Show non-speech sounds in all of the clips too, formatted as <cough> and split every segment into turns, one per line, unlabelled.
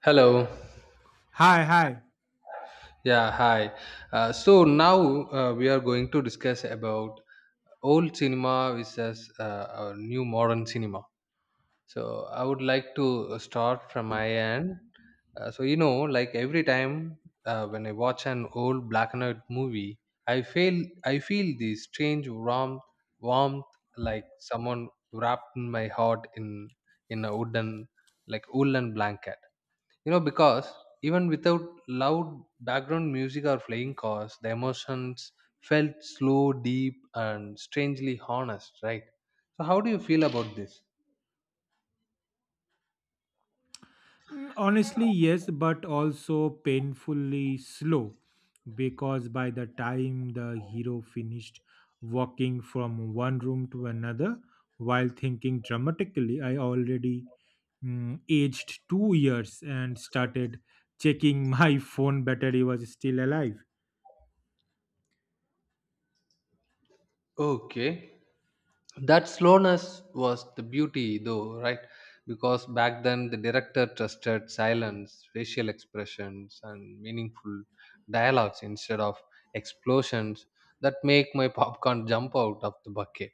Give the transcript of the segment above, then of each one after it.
Hello.
Hi, hi.
Yeah, hi. So now we are going to discuss about old cinema versus new modern cinema. So I would like to start from my end. Like every time when I watch an old black and white movie, I feel I feel this strange warmth, warmth like someone wrapped my heart in a wooden like woolen blanket because even without loud background music or playing cars, the emotions felt slow, deep, and strangely honest, right? So how do you feel about this?
Honestly, yes, but also painfully slow because by the time the hero finished walking from one room to another while thinking dramatically, I already aged 2 years and started checking my <laughs> phone battery was still alive.
Okay, that slowness was the beauty though, right? Because back then the director trusted silence, facial expressions, and meaningful dialogues instead of explosions that make my popcorn jump out of the bucket.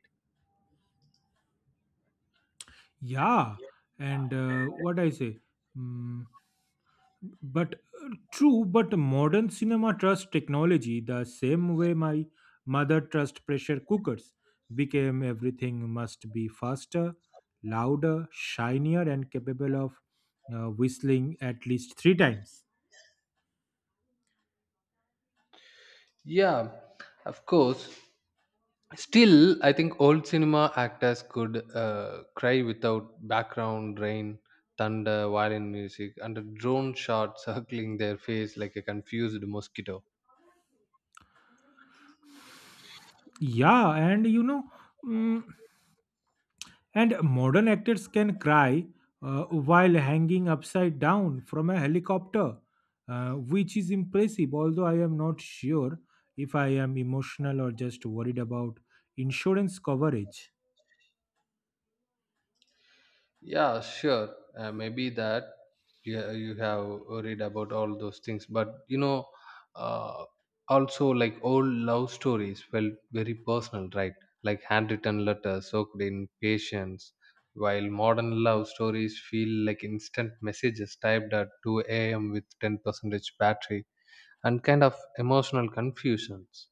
Yeah, and what I say? Mm, But True, but modern cinema trusts technology the same way my mother trusts pressure cookers. Became everything must be faster, louder, shinier, and capable of whistling at least three times.
Yeah, of course. Still, I think old cinema actors could cry without background rain, thunder, violin music, and a drone shot <laughs> circling their face like a confused mosquito.
Yeah, and you know, mm, and modern actors can cry while hanging upside down from a helicopter, which is impressive, although I am not sure if I am emotional or just worried about insurance coverage.
Yeah, sure. Maybe that you have read about all those things, but uh, also like old love stories felt very personal, right? Like handwritten letters soaked in patience, while modern love stories feel like instant messages typed at 2 a.m. with 10% battery and kind of emotional confusions.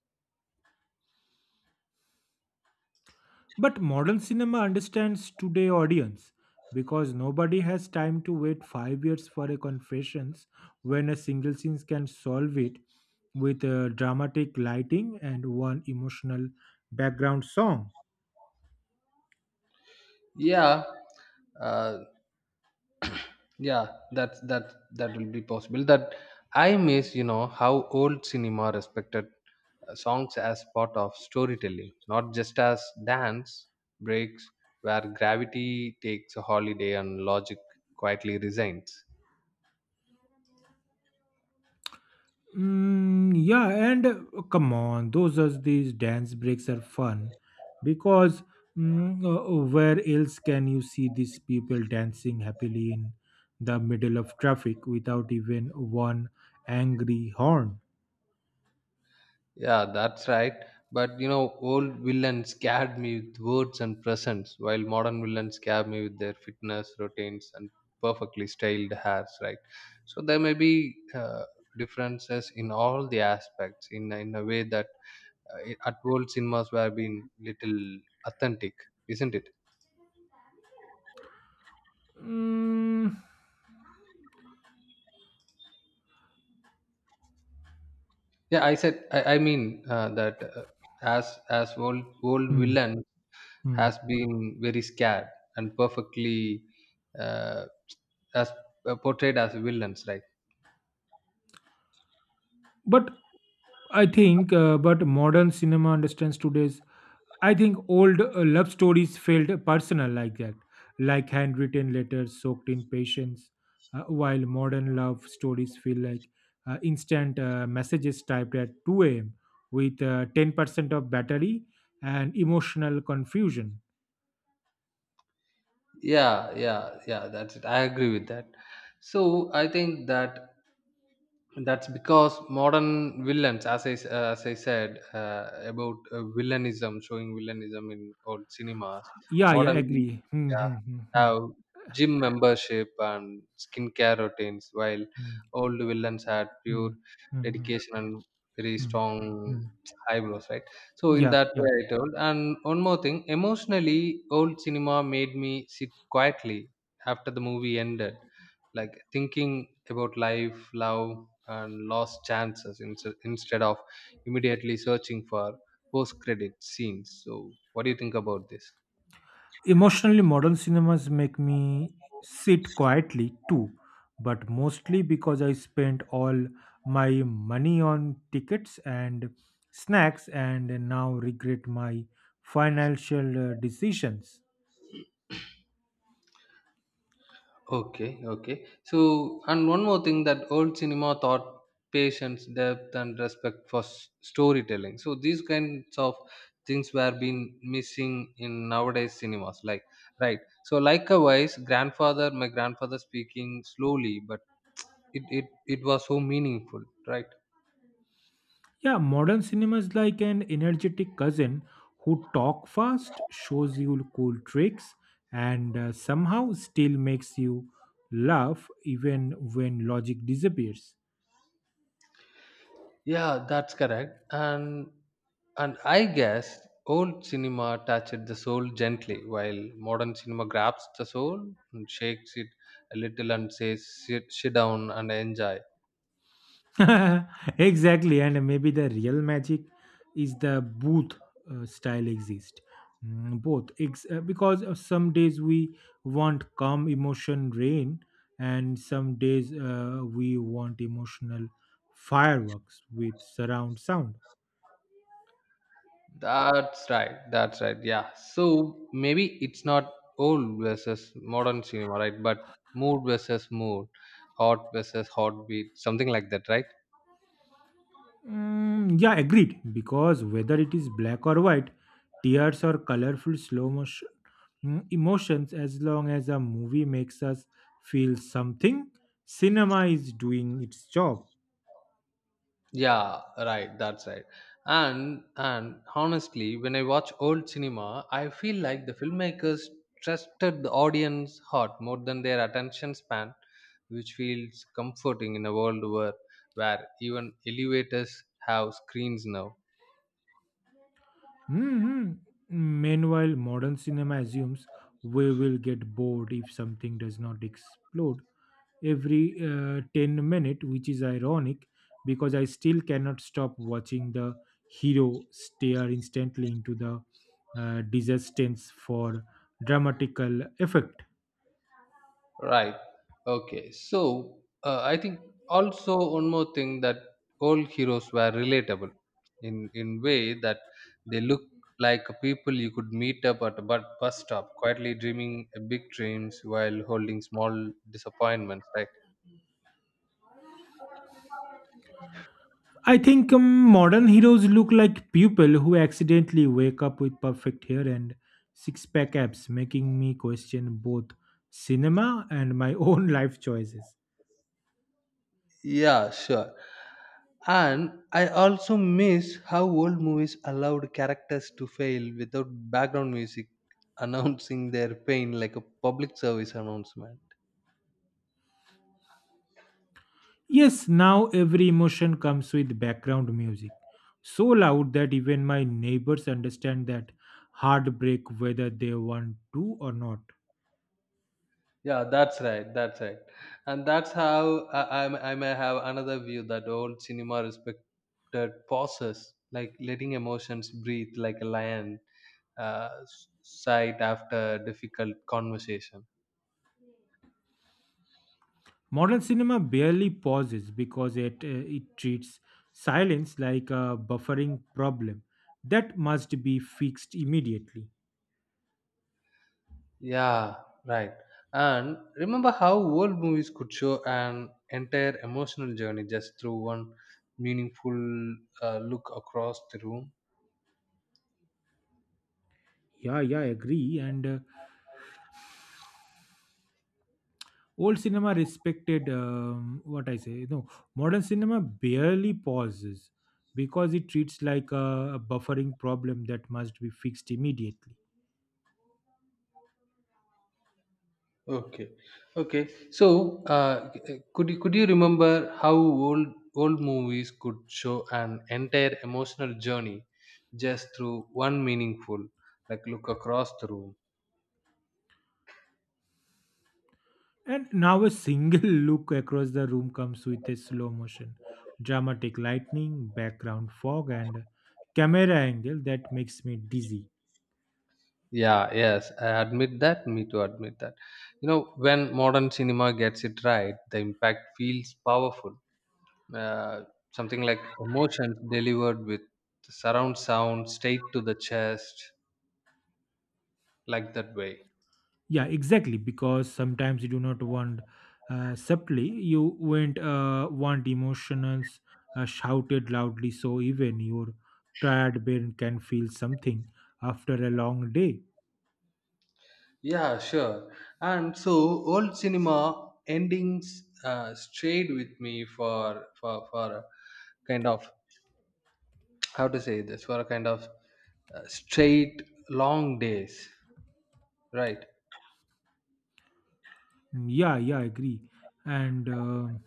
But modern cinema understands today audience because nobody has time to wait 5 years for a confessions when a single scene can solve it with dramatic lighting and one emotional background song.
Yeah, uh, yeah, that will be possible. That I miss how old cinema respected songs as part of storytelling, not just as dance breaks where gravity takes a holiday and logic quietly resigns.
Yeah, and come on, those are these dance breaks are fun because where else can you see these people dancing happily in the middle of traffic without even one angry horn?
Yeah, that's right. But old villains scared me with words and presence, while modern villains scare me with their fitness routines and perfectly styled hairs, right? So there may be differences in all the aspects in a way that at old cinemas were being little authentic, isn't it?
Mm,
Yeah, I said. I mean that as as old
hmm,
villains
hmm.
has been very scared and perfectly uh, as portrayed as villains, right?
But I think, but modern cinema understands today's. I think old love stories felt personal like that, like handwritten letters soaked in patience, while modern love stories feel like instant messages typed at 2 a.m. with 10% of battery and emotional confusion.
Yeah, yeah, yeah, that's it, I agree with that. So I think that that's because modern villains, as I said about villainism, showing villainism in old cinemas,
Yeah, yeah,
modern,
agree. Hmm,
yeah,
hmm, hmm, hmm,
have gym membership and skincare routines, while
hmm,
old villains had pure
hmm, hmm, hmm,
dedication and very
hmm,
strong
hmm.
eyebrows, right? So in
Yeah,
that
yeah.
way I told. And one more thing: emotionally, old cinema made me sit quietly after the movie ended, like thinking about life, love, and lost chances instead of immediately searching for post credit scenes. So what do you think about this?
Emotionally, modern cinemas make me sit quietly too, but mostly because I spent all my money on tickets and snacks and now regret my financial decisions.
Okay, okay. So, and one more thing that old cinema taught patience, depth, and respect for storytelling. So these kinds of things were being missing in nowadays cinemas. Like, right. So, likewise, grandfather, my grandfather speaking slowly, but it was so meaningful, right?
Yeah, modern cinema is like an energetic cousin who talk fast, shows you cool tricks, and somehow still makes you laugh even when logic disappears.
Yeah, that's correct. And I guess old cinema touched the soul gently, while modern cinema grabs the soul and shakes it a little and says, "Sit, sit down and enjoy."
<laughs> Exactly, and maybe the real magic is the booth style exist. Because some days we want calm emotion rain and some days we want emotional fireworks with surround sound.
That's right. That's right. Yeah. So maybe it's not old versus modern cinema, right? But mood versus mood, heart versus heartbeat, something like that, right?
Yeah, agreed. Because whether it is black or white, tears or colorful slow motion emotions, as long as a movie makes us feel something, cinema is doing its job.
Yeah, right. That's right. And honestly, when I watch old cinema, I feel like the filmmakers trusted the audience heart more than their attention span, which feels comforting in a world where even elevators have screens now.
Hmm. Meanwhile, modern cinema assumes we will get bored if something does not explode every 10 minute, which is ironic because I still cannot stop watching the hero stare instantly into the disaster for dramatical effect.
Right. Okay. So I think also one more thing: that all heroes were relatable in way that they look like people you could meet up at a bus stop, quietly dreaming big dreams while holding small disappointments. Right.
I think modern heroes look like people who accidentally wake up with perfect hair and six pack abs, making me question both cinema and my <laughs> own life choices.
Yeah, sure. And I also miss how old movies allowed characters to fail without background music announcing their pain like a public service announcement.
Yes, now every emotion comes with background music, so loud that even my neighbors understand that heartbreak whether they want to or not.
Yeah, that's right. That's right. And that's how I may have another view that old cinema respected pauses, like letting emotions breathe like a lion sight after difficult conversation.
Modern cinema barely pauses because it treats silence like a buffering problem that must be fixed immediately.
Yeah, right. And remember how old movies could show an entire emotional journey just through one meaningful look across the room?
Yeah, yeah, I agree. And old cinema respected what I say. No, modern cinema barely pauses because it treats like a buffering problem that must be fixed immediately.
Okay, okay. So, could you remember how old movies could show an entire emotional journey just through one meaningful, like, look across the room?
And now a single <laughs> look across the room comes with a slow motion, dramatic lightning, background fog, and a camera angle that makes me dizzy.
Yeah, yes, I admit that. Me too, admit that. When modern cinema gets it right, the impact feels powerful. Uh, Something like emotions delivered with surround sound straight to the chest, like that way.
Yeah, exactly. Because sometimes you do not want subtly, you want emotionals shouted loudly, so even your tired brain can feel something after a long day.
Yeah, sure. And so old cinema endings stayed with me for a kind of, how to say this, for a kind of straight long days, right?
Yeah, yeah, I agree. And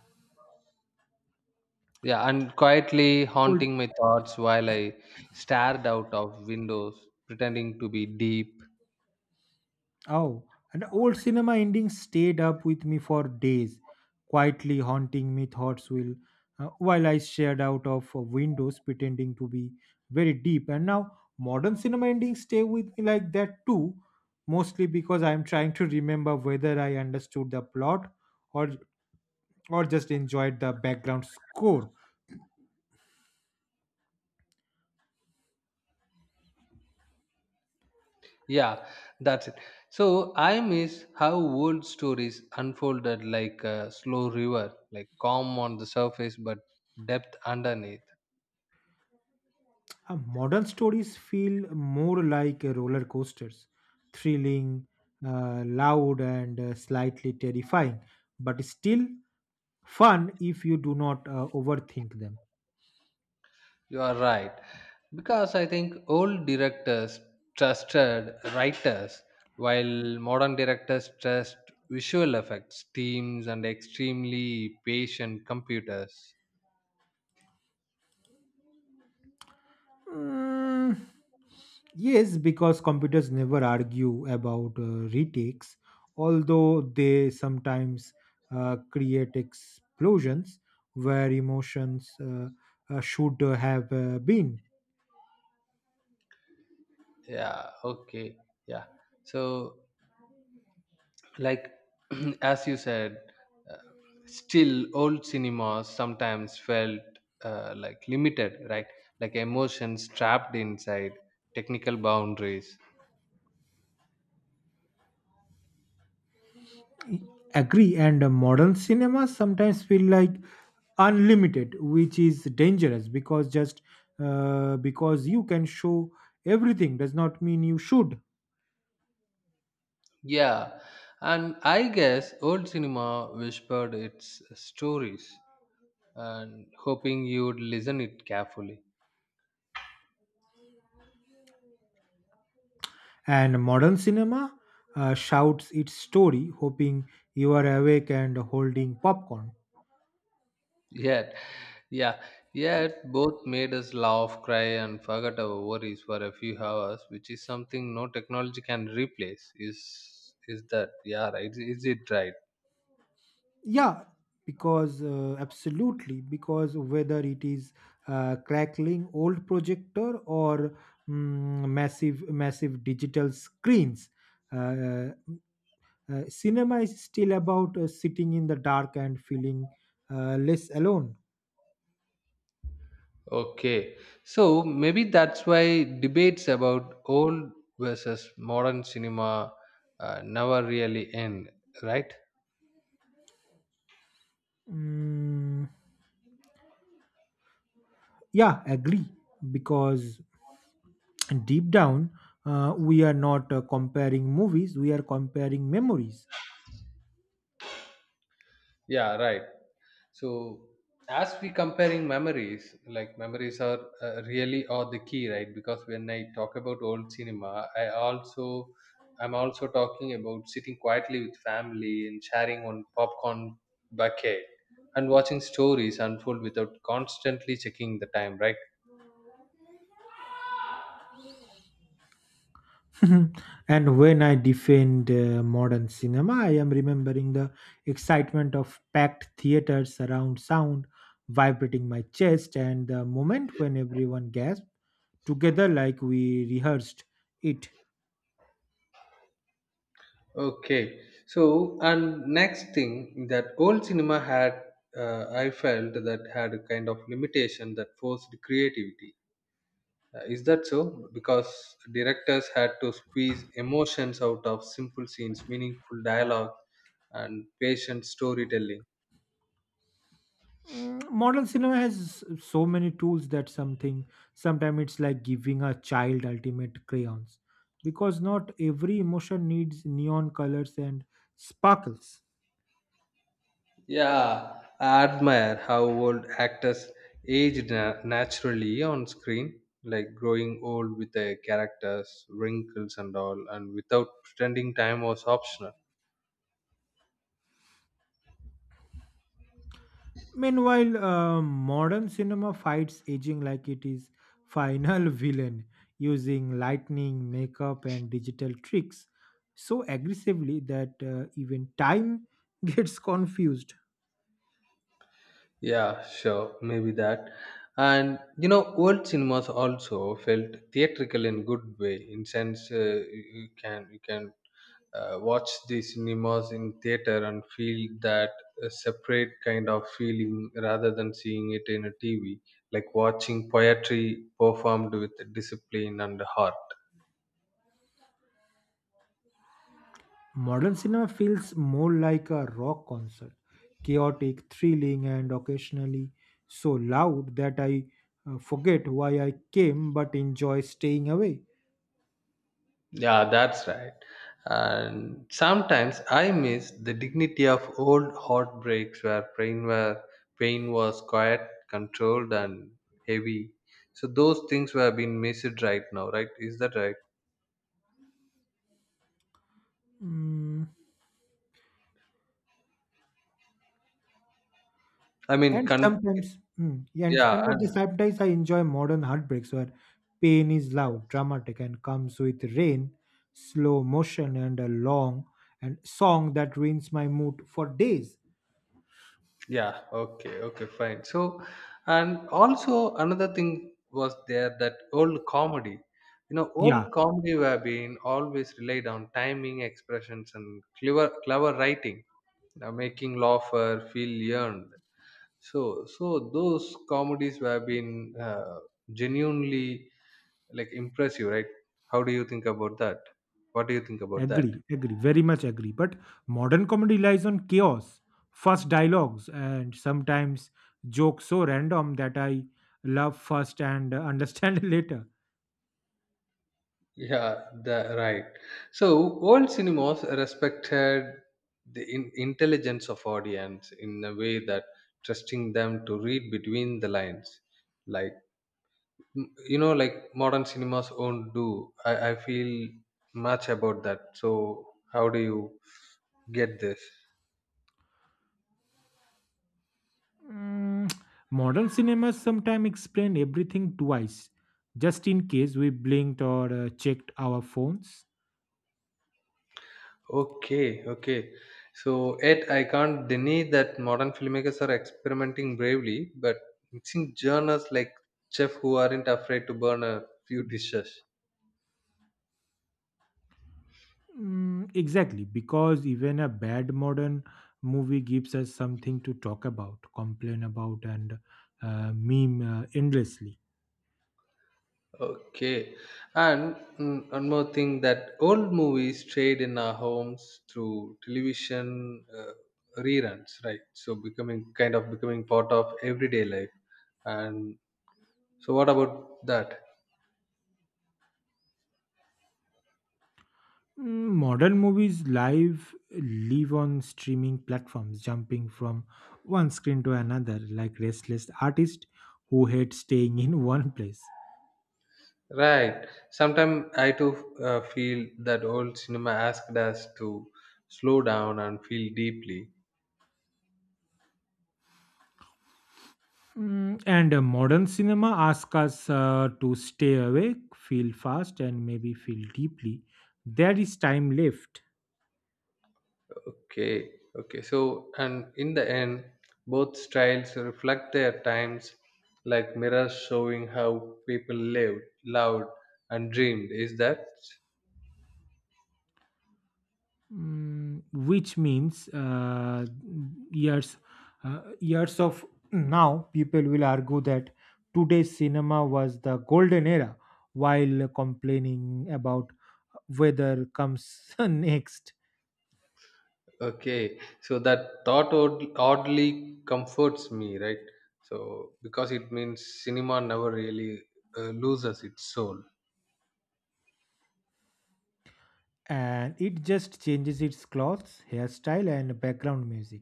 Yeah, and quietly
cold
haunting my thoughts while I stared out of windows, pretending to be deep.
Oh, and old cinema endings stayed up with me for days, quietly haunting me thoughts will, while I stared out of windows pretending to be very deep. And now modern cinema endings stay with me like that too, mostly because I am trying to remember whether I understood the plot or or just enjoyed the background score.
Yeah, that's it. So I miss how old stories unfolded like a slow river, like calm on the surface but depth underneath.
Modern stories feel more like roller coasters, thrilling, loud, and slightly terrifying, but still fun if you do not overthink them.
You are right. Because I think old directors trusted writers, while modern directors trust visual effects, teams, and extremely patient computers.
Mm, yes, because computers never argue about retakes, although they sometimes create explosions where emotions should have been.
Yeah, okay. Yeah. So, like, <clears throat> as you said, uh, still old cinemas sometimes felt like limited, right? Like emotions trapped inside technical boundaries.
Agree, and modern cinemas sometimes feel like unlimited, which is dangerous because just because you can show everything does not mean you should.
Yeah, and I guess old cinema whispered its stories and hoping you'd listen it carefully.
And modern cinema shouts its story hoping you are awake and holding popcorn.
Yet, yeah, yet both made us laugh, cry, and forget our worries for a few hours, which is something no technology can replace. Is that, yeah, right? Is it right?
Yeah, because absolutely, because whether it is crackling old projector or massive massive digital screens, uh, cinema is still about sitting in the dark and feeling less alone.
Okay, so maybe that's why debates about old versus modern cinema never really end, right?
Mm, yeah, agree. Because deep down, we are not comparing movies, we are comparing memories.
Yeah, right. So as we comparing memories, like memories are really are the key, right? Because when I talk about old cinema, I'm also talking about sitting quietly with family and sharing one popcorn bucket and watching stories unfold without constantly checking the time, right?
<laughs> And when I defend modern cinema, I am remembering the excitement of packed theaters, surround sound vibrating my chest, and the moment when everyone gasped together like we rehearsed it.
Okay, so, and next thing that old cinema had, I felt that had a kind of limitation that forced creativity. Is that so? Because directors had to squeeze emotions out of simple scenes, meaningful dialogue, and patient storytelling.
Modern cinema has so many tools that something sometimes it's like giving a child ultimate crayons, because not every emotion needs neon colors and sparkles.
Yeah, I admire how old actors aged naturally on screen, like growing old with their characters, wrinkles, and all, and without pretending time was optional.
Meanwhile modern cinema fights aging like it is final <laughs> villain, using lightning makeup and digital tricks so aggressively that even time <laughs> gets confused.
Yeah, sure, maybe that. And old cinemas also felt theatrical in good way. In sense, you can watch the cinemas in theater and feel that a separate kind of feeling rather than seeing it in a TV, like watching poetry performed with discipline and heart.
Modern cinema feels more like a rock concert, chaotic, thrilling, and occasionally so loud that I forget why I came but enjoy staying away.
Yeah, that's right. And sometimes I miss the dignity of old heartbreaks, where pain was quiet, controlled, and heavy. So those things were being missed right now, right? Is that right?
Mm,
I mean,
and sometimes, yeah, and,
yeah,
and at the
and
sometimes I enjoy modern heartbreaks where pain is loud, dramatic, and comes with rain, slow motion, and a long and song that ruins my mood for days.
yeah, okay, okay, fine. So, and also another thing was there that old comedy.
Yeah,
Old comedy were being always relied on timing, expressions, and clever writing, making laugher feel yearned. So those comedies have been genuinely like impressive, right? How do you think about that? What do you think about that?
agree, agree, very much agree. But modern comedy relies on chaos, fast dialogues, and sometimes jokes so random that I love first and understand <laughs> later.
Yeah, right. So old cinemas respected the intelligence of audience in a way that trusting them to read between the lines, like, mm, you know, like modern cinemas won't do. I feel much about that, so how do you get this?
Mm, Modern cinemas sometimes explain everything twice, just in case we blinked or checked our phones.
Okay, okay. So yet I can't deny that modern filmmakers are experimenting bravely, but mixing genres like chef who aren't afraid to burn a few dishes.
Exactly, because even a bad modern movie gives us something to talk about, complain about, and meme endlessly.
Okay, and one more thing that old movies stayed in our homes through television reruns, right? So becoming kind of becoming part of everyday life. And so, what about that?
Modern movies live on streaming platforms, jumping from one screen to another, like restless artists who hate staying in <laughs> one place.
Right. Sometimes I too feel that old cinema asked us to slow down and feel deeply.
And modern cinema asks us to stay awake, feel fast, and maybe feel deeply. There is time left.
Okay, okay. So, and in the end, both styles reflect their times, like mirrors showing how people lived, loved, and dreamed. Is that
Which means years years of now people will argue that today's cinema was the golden era while complaining about whether comes <laughs> next.
okay? So that thought oddly comforts me, right? So because it means cinema never really loses its soul.
And it just changes its clothes hairstyle and background music.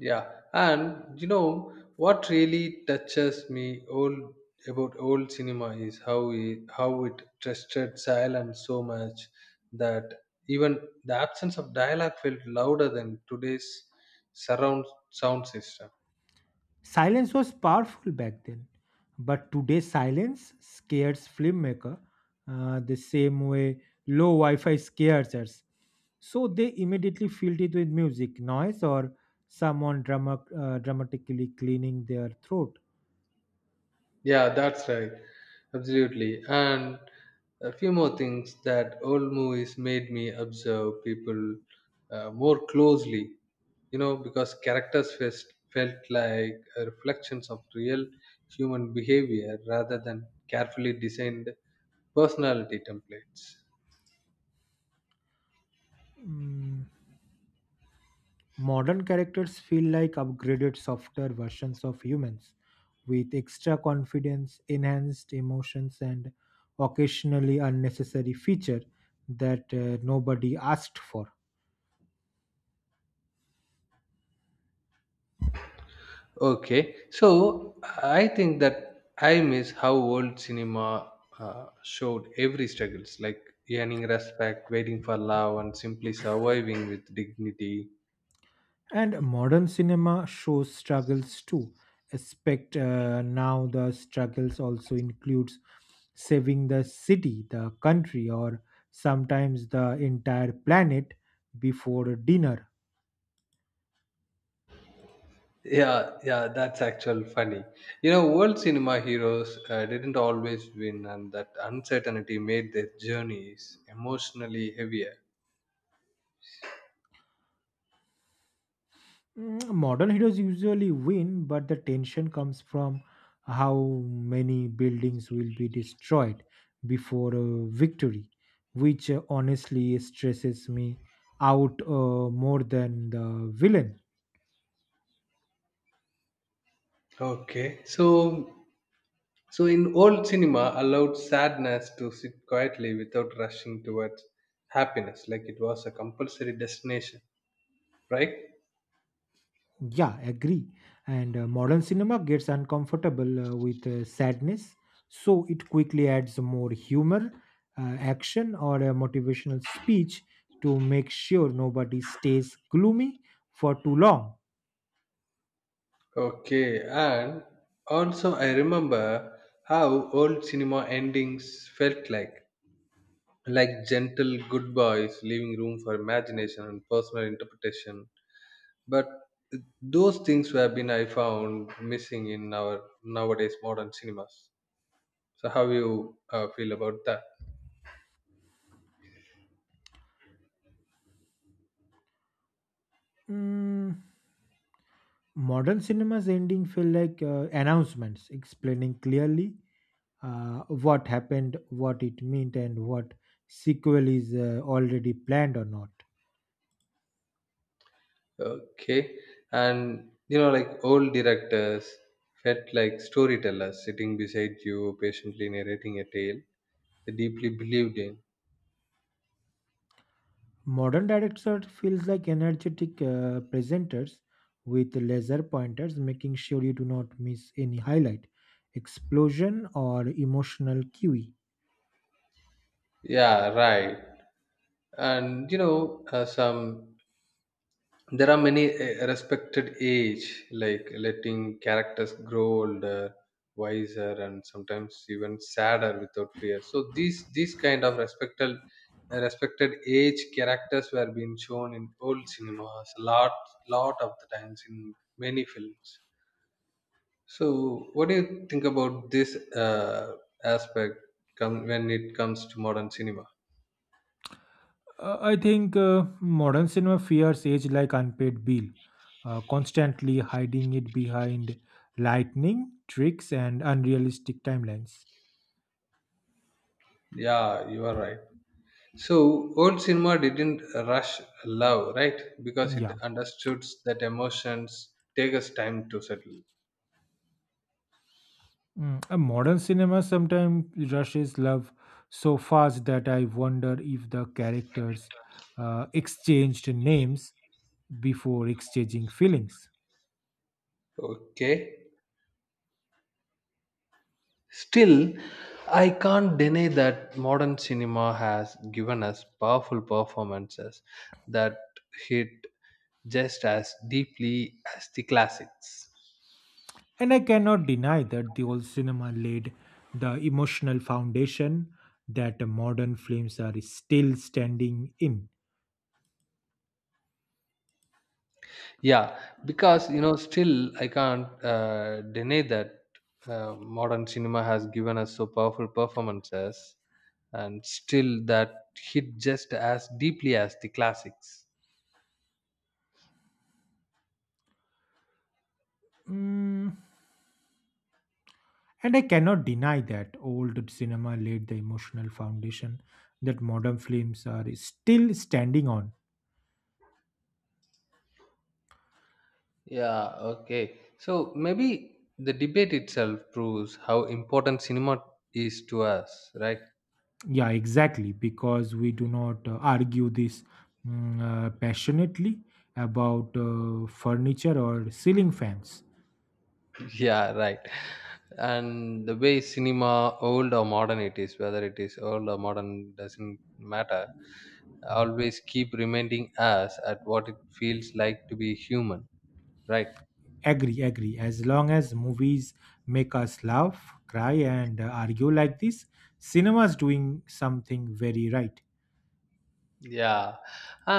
Yeah, and you know what really touches me, old about old cinema is how it trusted silence so much that even the absence of dialogue felt louder than today's surround sound system.
Silence was powerful back then, but today silence scares filmmaker the same way low Wi-Fi scares us. So they immediately filled it with music, noise, or someone dramatically cleaning their throat.
Yeah, that's right. Absolutely. And a few more things that old movies made me observe people, more closely, because characters fest felt like reflections of real human behavior rather than carefully designed personality templates.
Mm, Modern characters feel like upgraded softer versions of humans with extra confidence, enhanced emotions, and occasionally unnecessary feature that nobody asked for.
Okay, so I think that I miss how old cinema showed every struggles, like earning respect, waiting for love, and simply surviving with dignity.
And modern cinema shows struggles too. Expect now the struggles also includes saving the city, the country, or sometimes the entire planet before dinner.
Yeah, yeah, that's actual funny. World cinema heroes didn't always win, and that uncertainty made their journeys emotionally heavier.
Modern heroes usually win, but the tension comes from how many buildings will be destroyed before a victory, which honestly stresses me out more than the villain.
Okay, so in old cinema, allowed sadness to sit quietly without rushing towards happiness, like it was a compulsory destination, right?
Yeah, agree. And modern cinema gets uncomfortable with sadness, so it quickly adds more humor, action, or a motivational speech to make sure nobody stays gloomy for too long.
Okay, and also I remember how old cinema endings felt like gentle goodbyes, leaving room for imagination and personal interpretation. But those things have been I found missing in our nowadays modern cinemas. So how you feel about that?
Mm, Modern cinema's ending feel like announcements explaining clearly what happened, what it meant, and what sequel is already planned or not.
Okay. And you know, like old directors felt like storytellers sitting beside you, patiently narrating a tale they deeply believed in.
Modern directors feels like energetic presenters with laser pointers, making sure you do not miss any highlight, explosion, or emotional cue.
Yeah, right. And some there are many respected age, like letting characters grow older, wiser, and sometimes even sadder without fear. So these kind of respected age characters were being shown in old cinemas a lot of the times in many films. So what do you think about this aspect, come when it comes to modern cinema?
I think modern cinema fears age like unpaid bill, constantly hiding it behind lightning tricks and unrealistic timelines.
Yeah, you are right. So old cinema didn't rush love, right? Because it
Yeah.
understood that emotions take us time to settle.
A modern cinema sometimes rushes love so fast that I wonder if the characters exchanged names before exchanging feelings.
Okay. Still, I can't deny that modern cinema has given us powerful performances that hit just as deeply as the classics.
And I cannot deny that the old cinema laid the emotional foundation that the modern films are still standing in.
Yeah, because still I can't deny that modern cinema has given us so powerful performances, and still that hit just as deeply as the classics.
Mm, And I cannot deny that old cinema laid the emotional foundation that modern films are still standing on.
Yeah, okay. So maybe the debate itself proves how important cinema is to us, right?
Yeah, exactly, because we do not argue this mm, passionately about furniture or ceiling fans.
Yeah, right. And the way cinema old or modern it is whether it is old or modern doesn't matter, always keep reminding us at what it feels like to be human, right?
Agree, agree. As long as movies make us laugh, cry, and argue like this, cinema's doing something very right.
Yeah.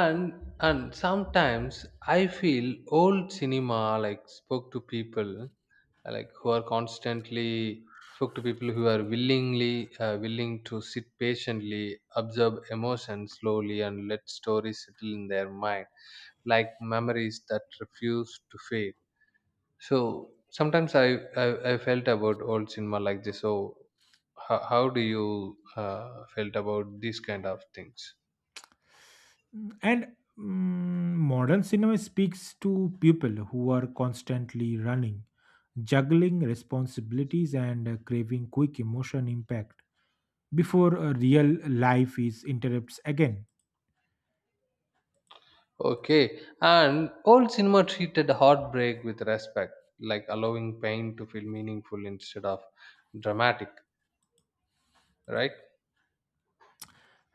And and sometimes I feel old cinema like like who are constantly spoke to people who are willingly willing to sit patiently observe emotions slowly and let stories settle in their mind like memories that refuse to fade. So sometimes I felt about old cinema like this. So how do you felt about these kind of things?
And modern cinema speaks to people who are constantly running, juggling responsibilities, and craving quick emotion impact before a real life is interrupts again.
Okay, and old cinema treated heartbreak with respect, like allowing pain to feel meaningful instead of dramatic, right?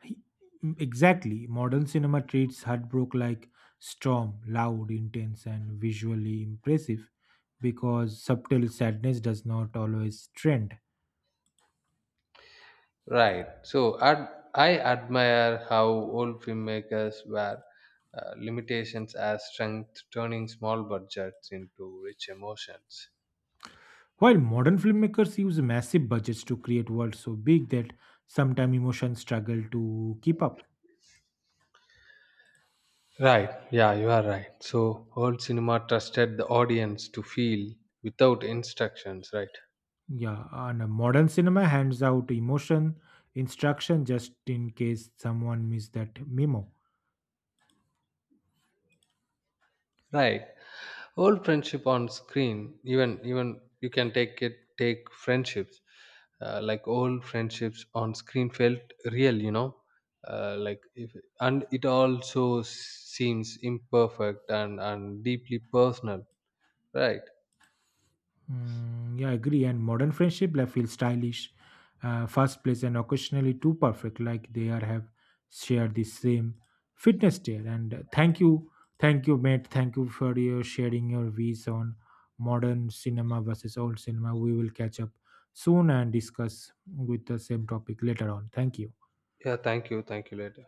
He- Exactly, modern cinema treats heartbreak like storm, loud, intense, and visually impressive because subtle sadness does not always trend.
Right. So ad I admire how old filmmakers were limitations as strength, turning small budgets into rich emotions.
While modern filmmakers use massive budgets to create worlds so big that sometimes emotions struggle to keep up.
Right. Yeah, you are right. So old cinema trusted the audience to feel without instructions, right
Yeah, and a modern cinema hands out emotion instruction just in case someone missed that memo.
right Old friendship on screen, even you can take friendships, like old friendships on screen felt real. Like if and it also seems imperfect and deeply personal, right?
Yeah, I agree. And modern friendship like, feel stylish, fast place, and occasionally too perfect. Like they are have shared the same fitness tier. And thank you, mate. Thank you for your sharing your views on modern cinema versus old cinema. We will catch up soon and discuss with the same topic later on. Thank you.
Yeah, thank you later.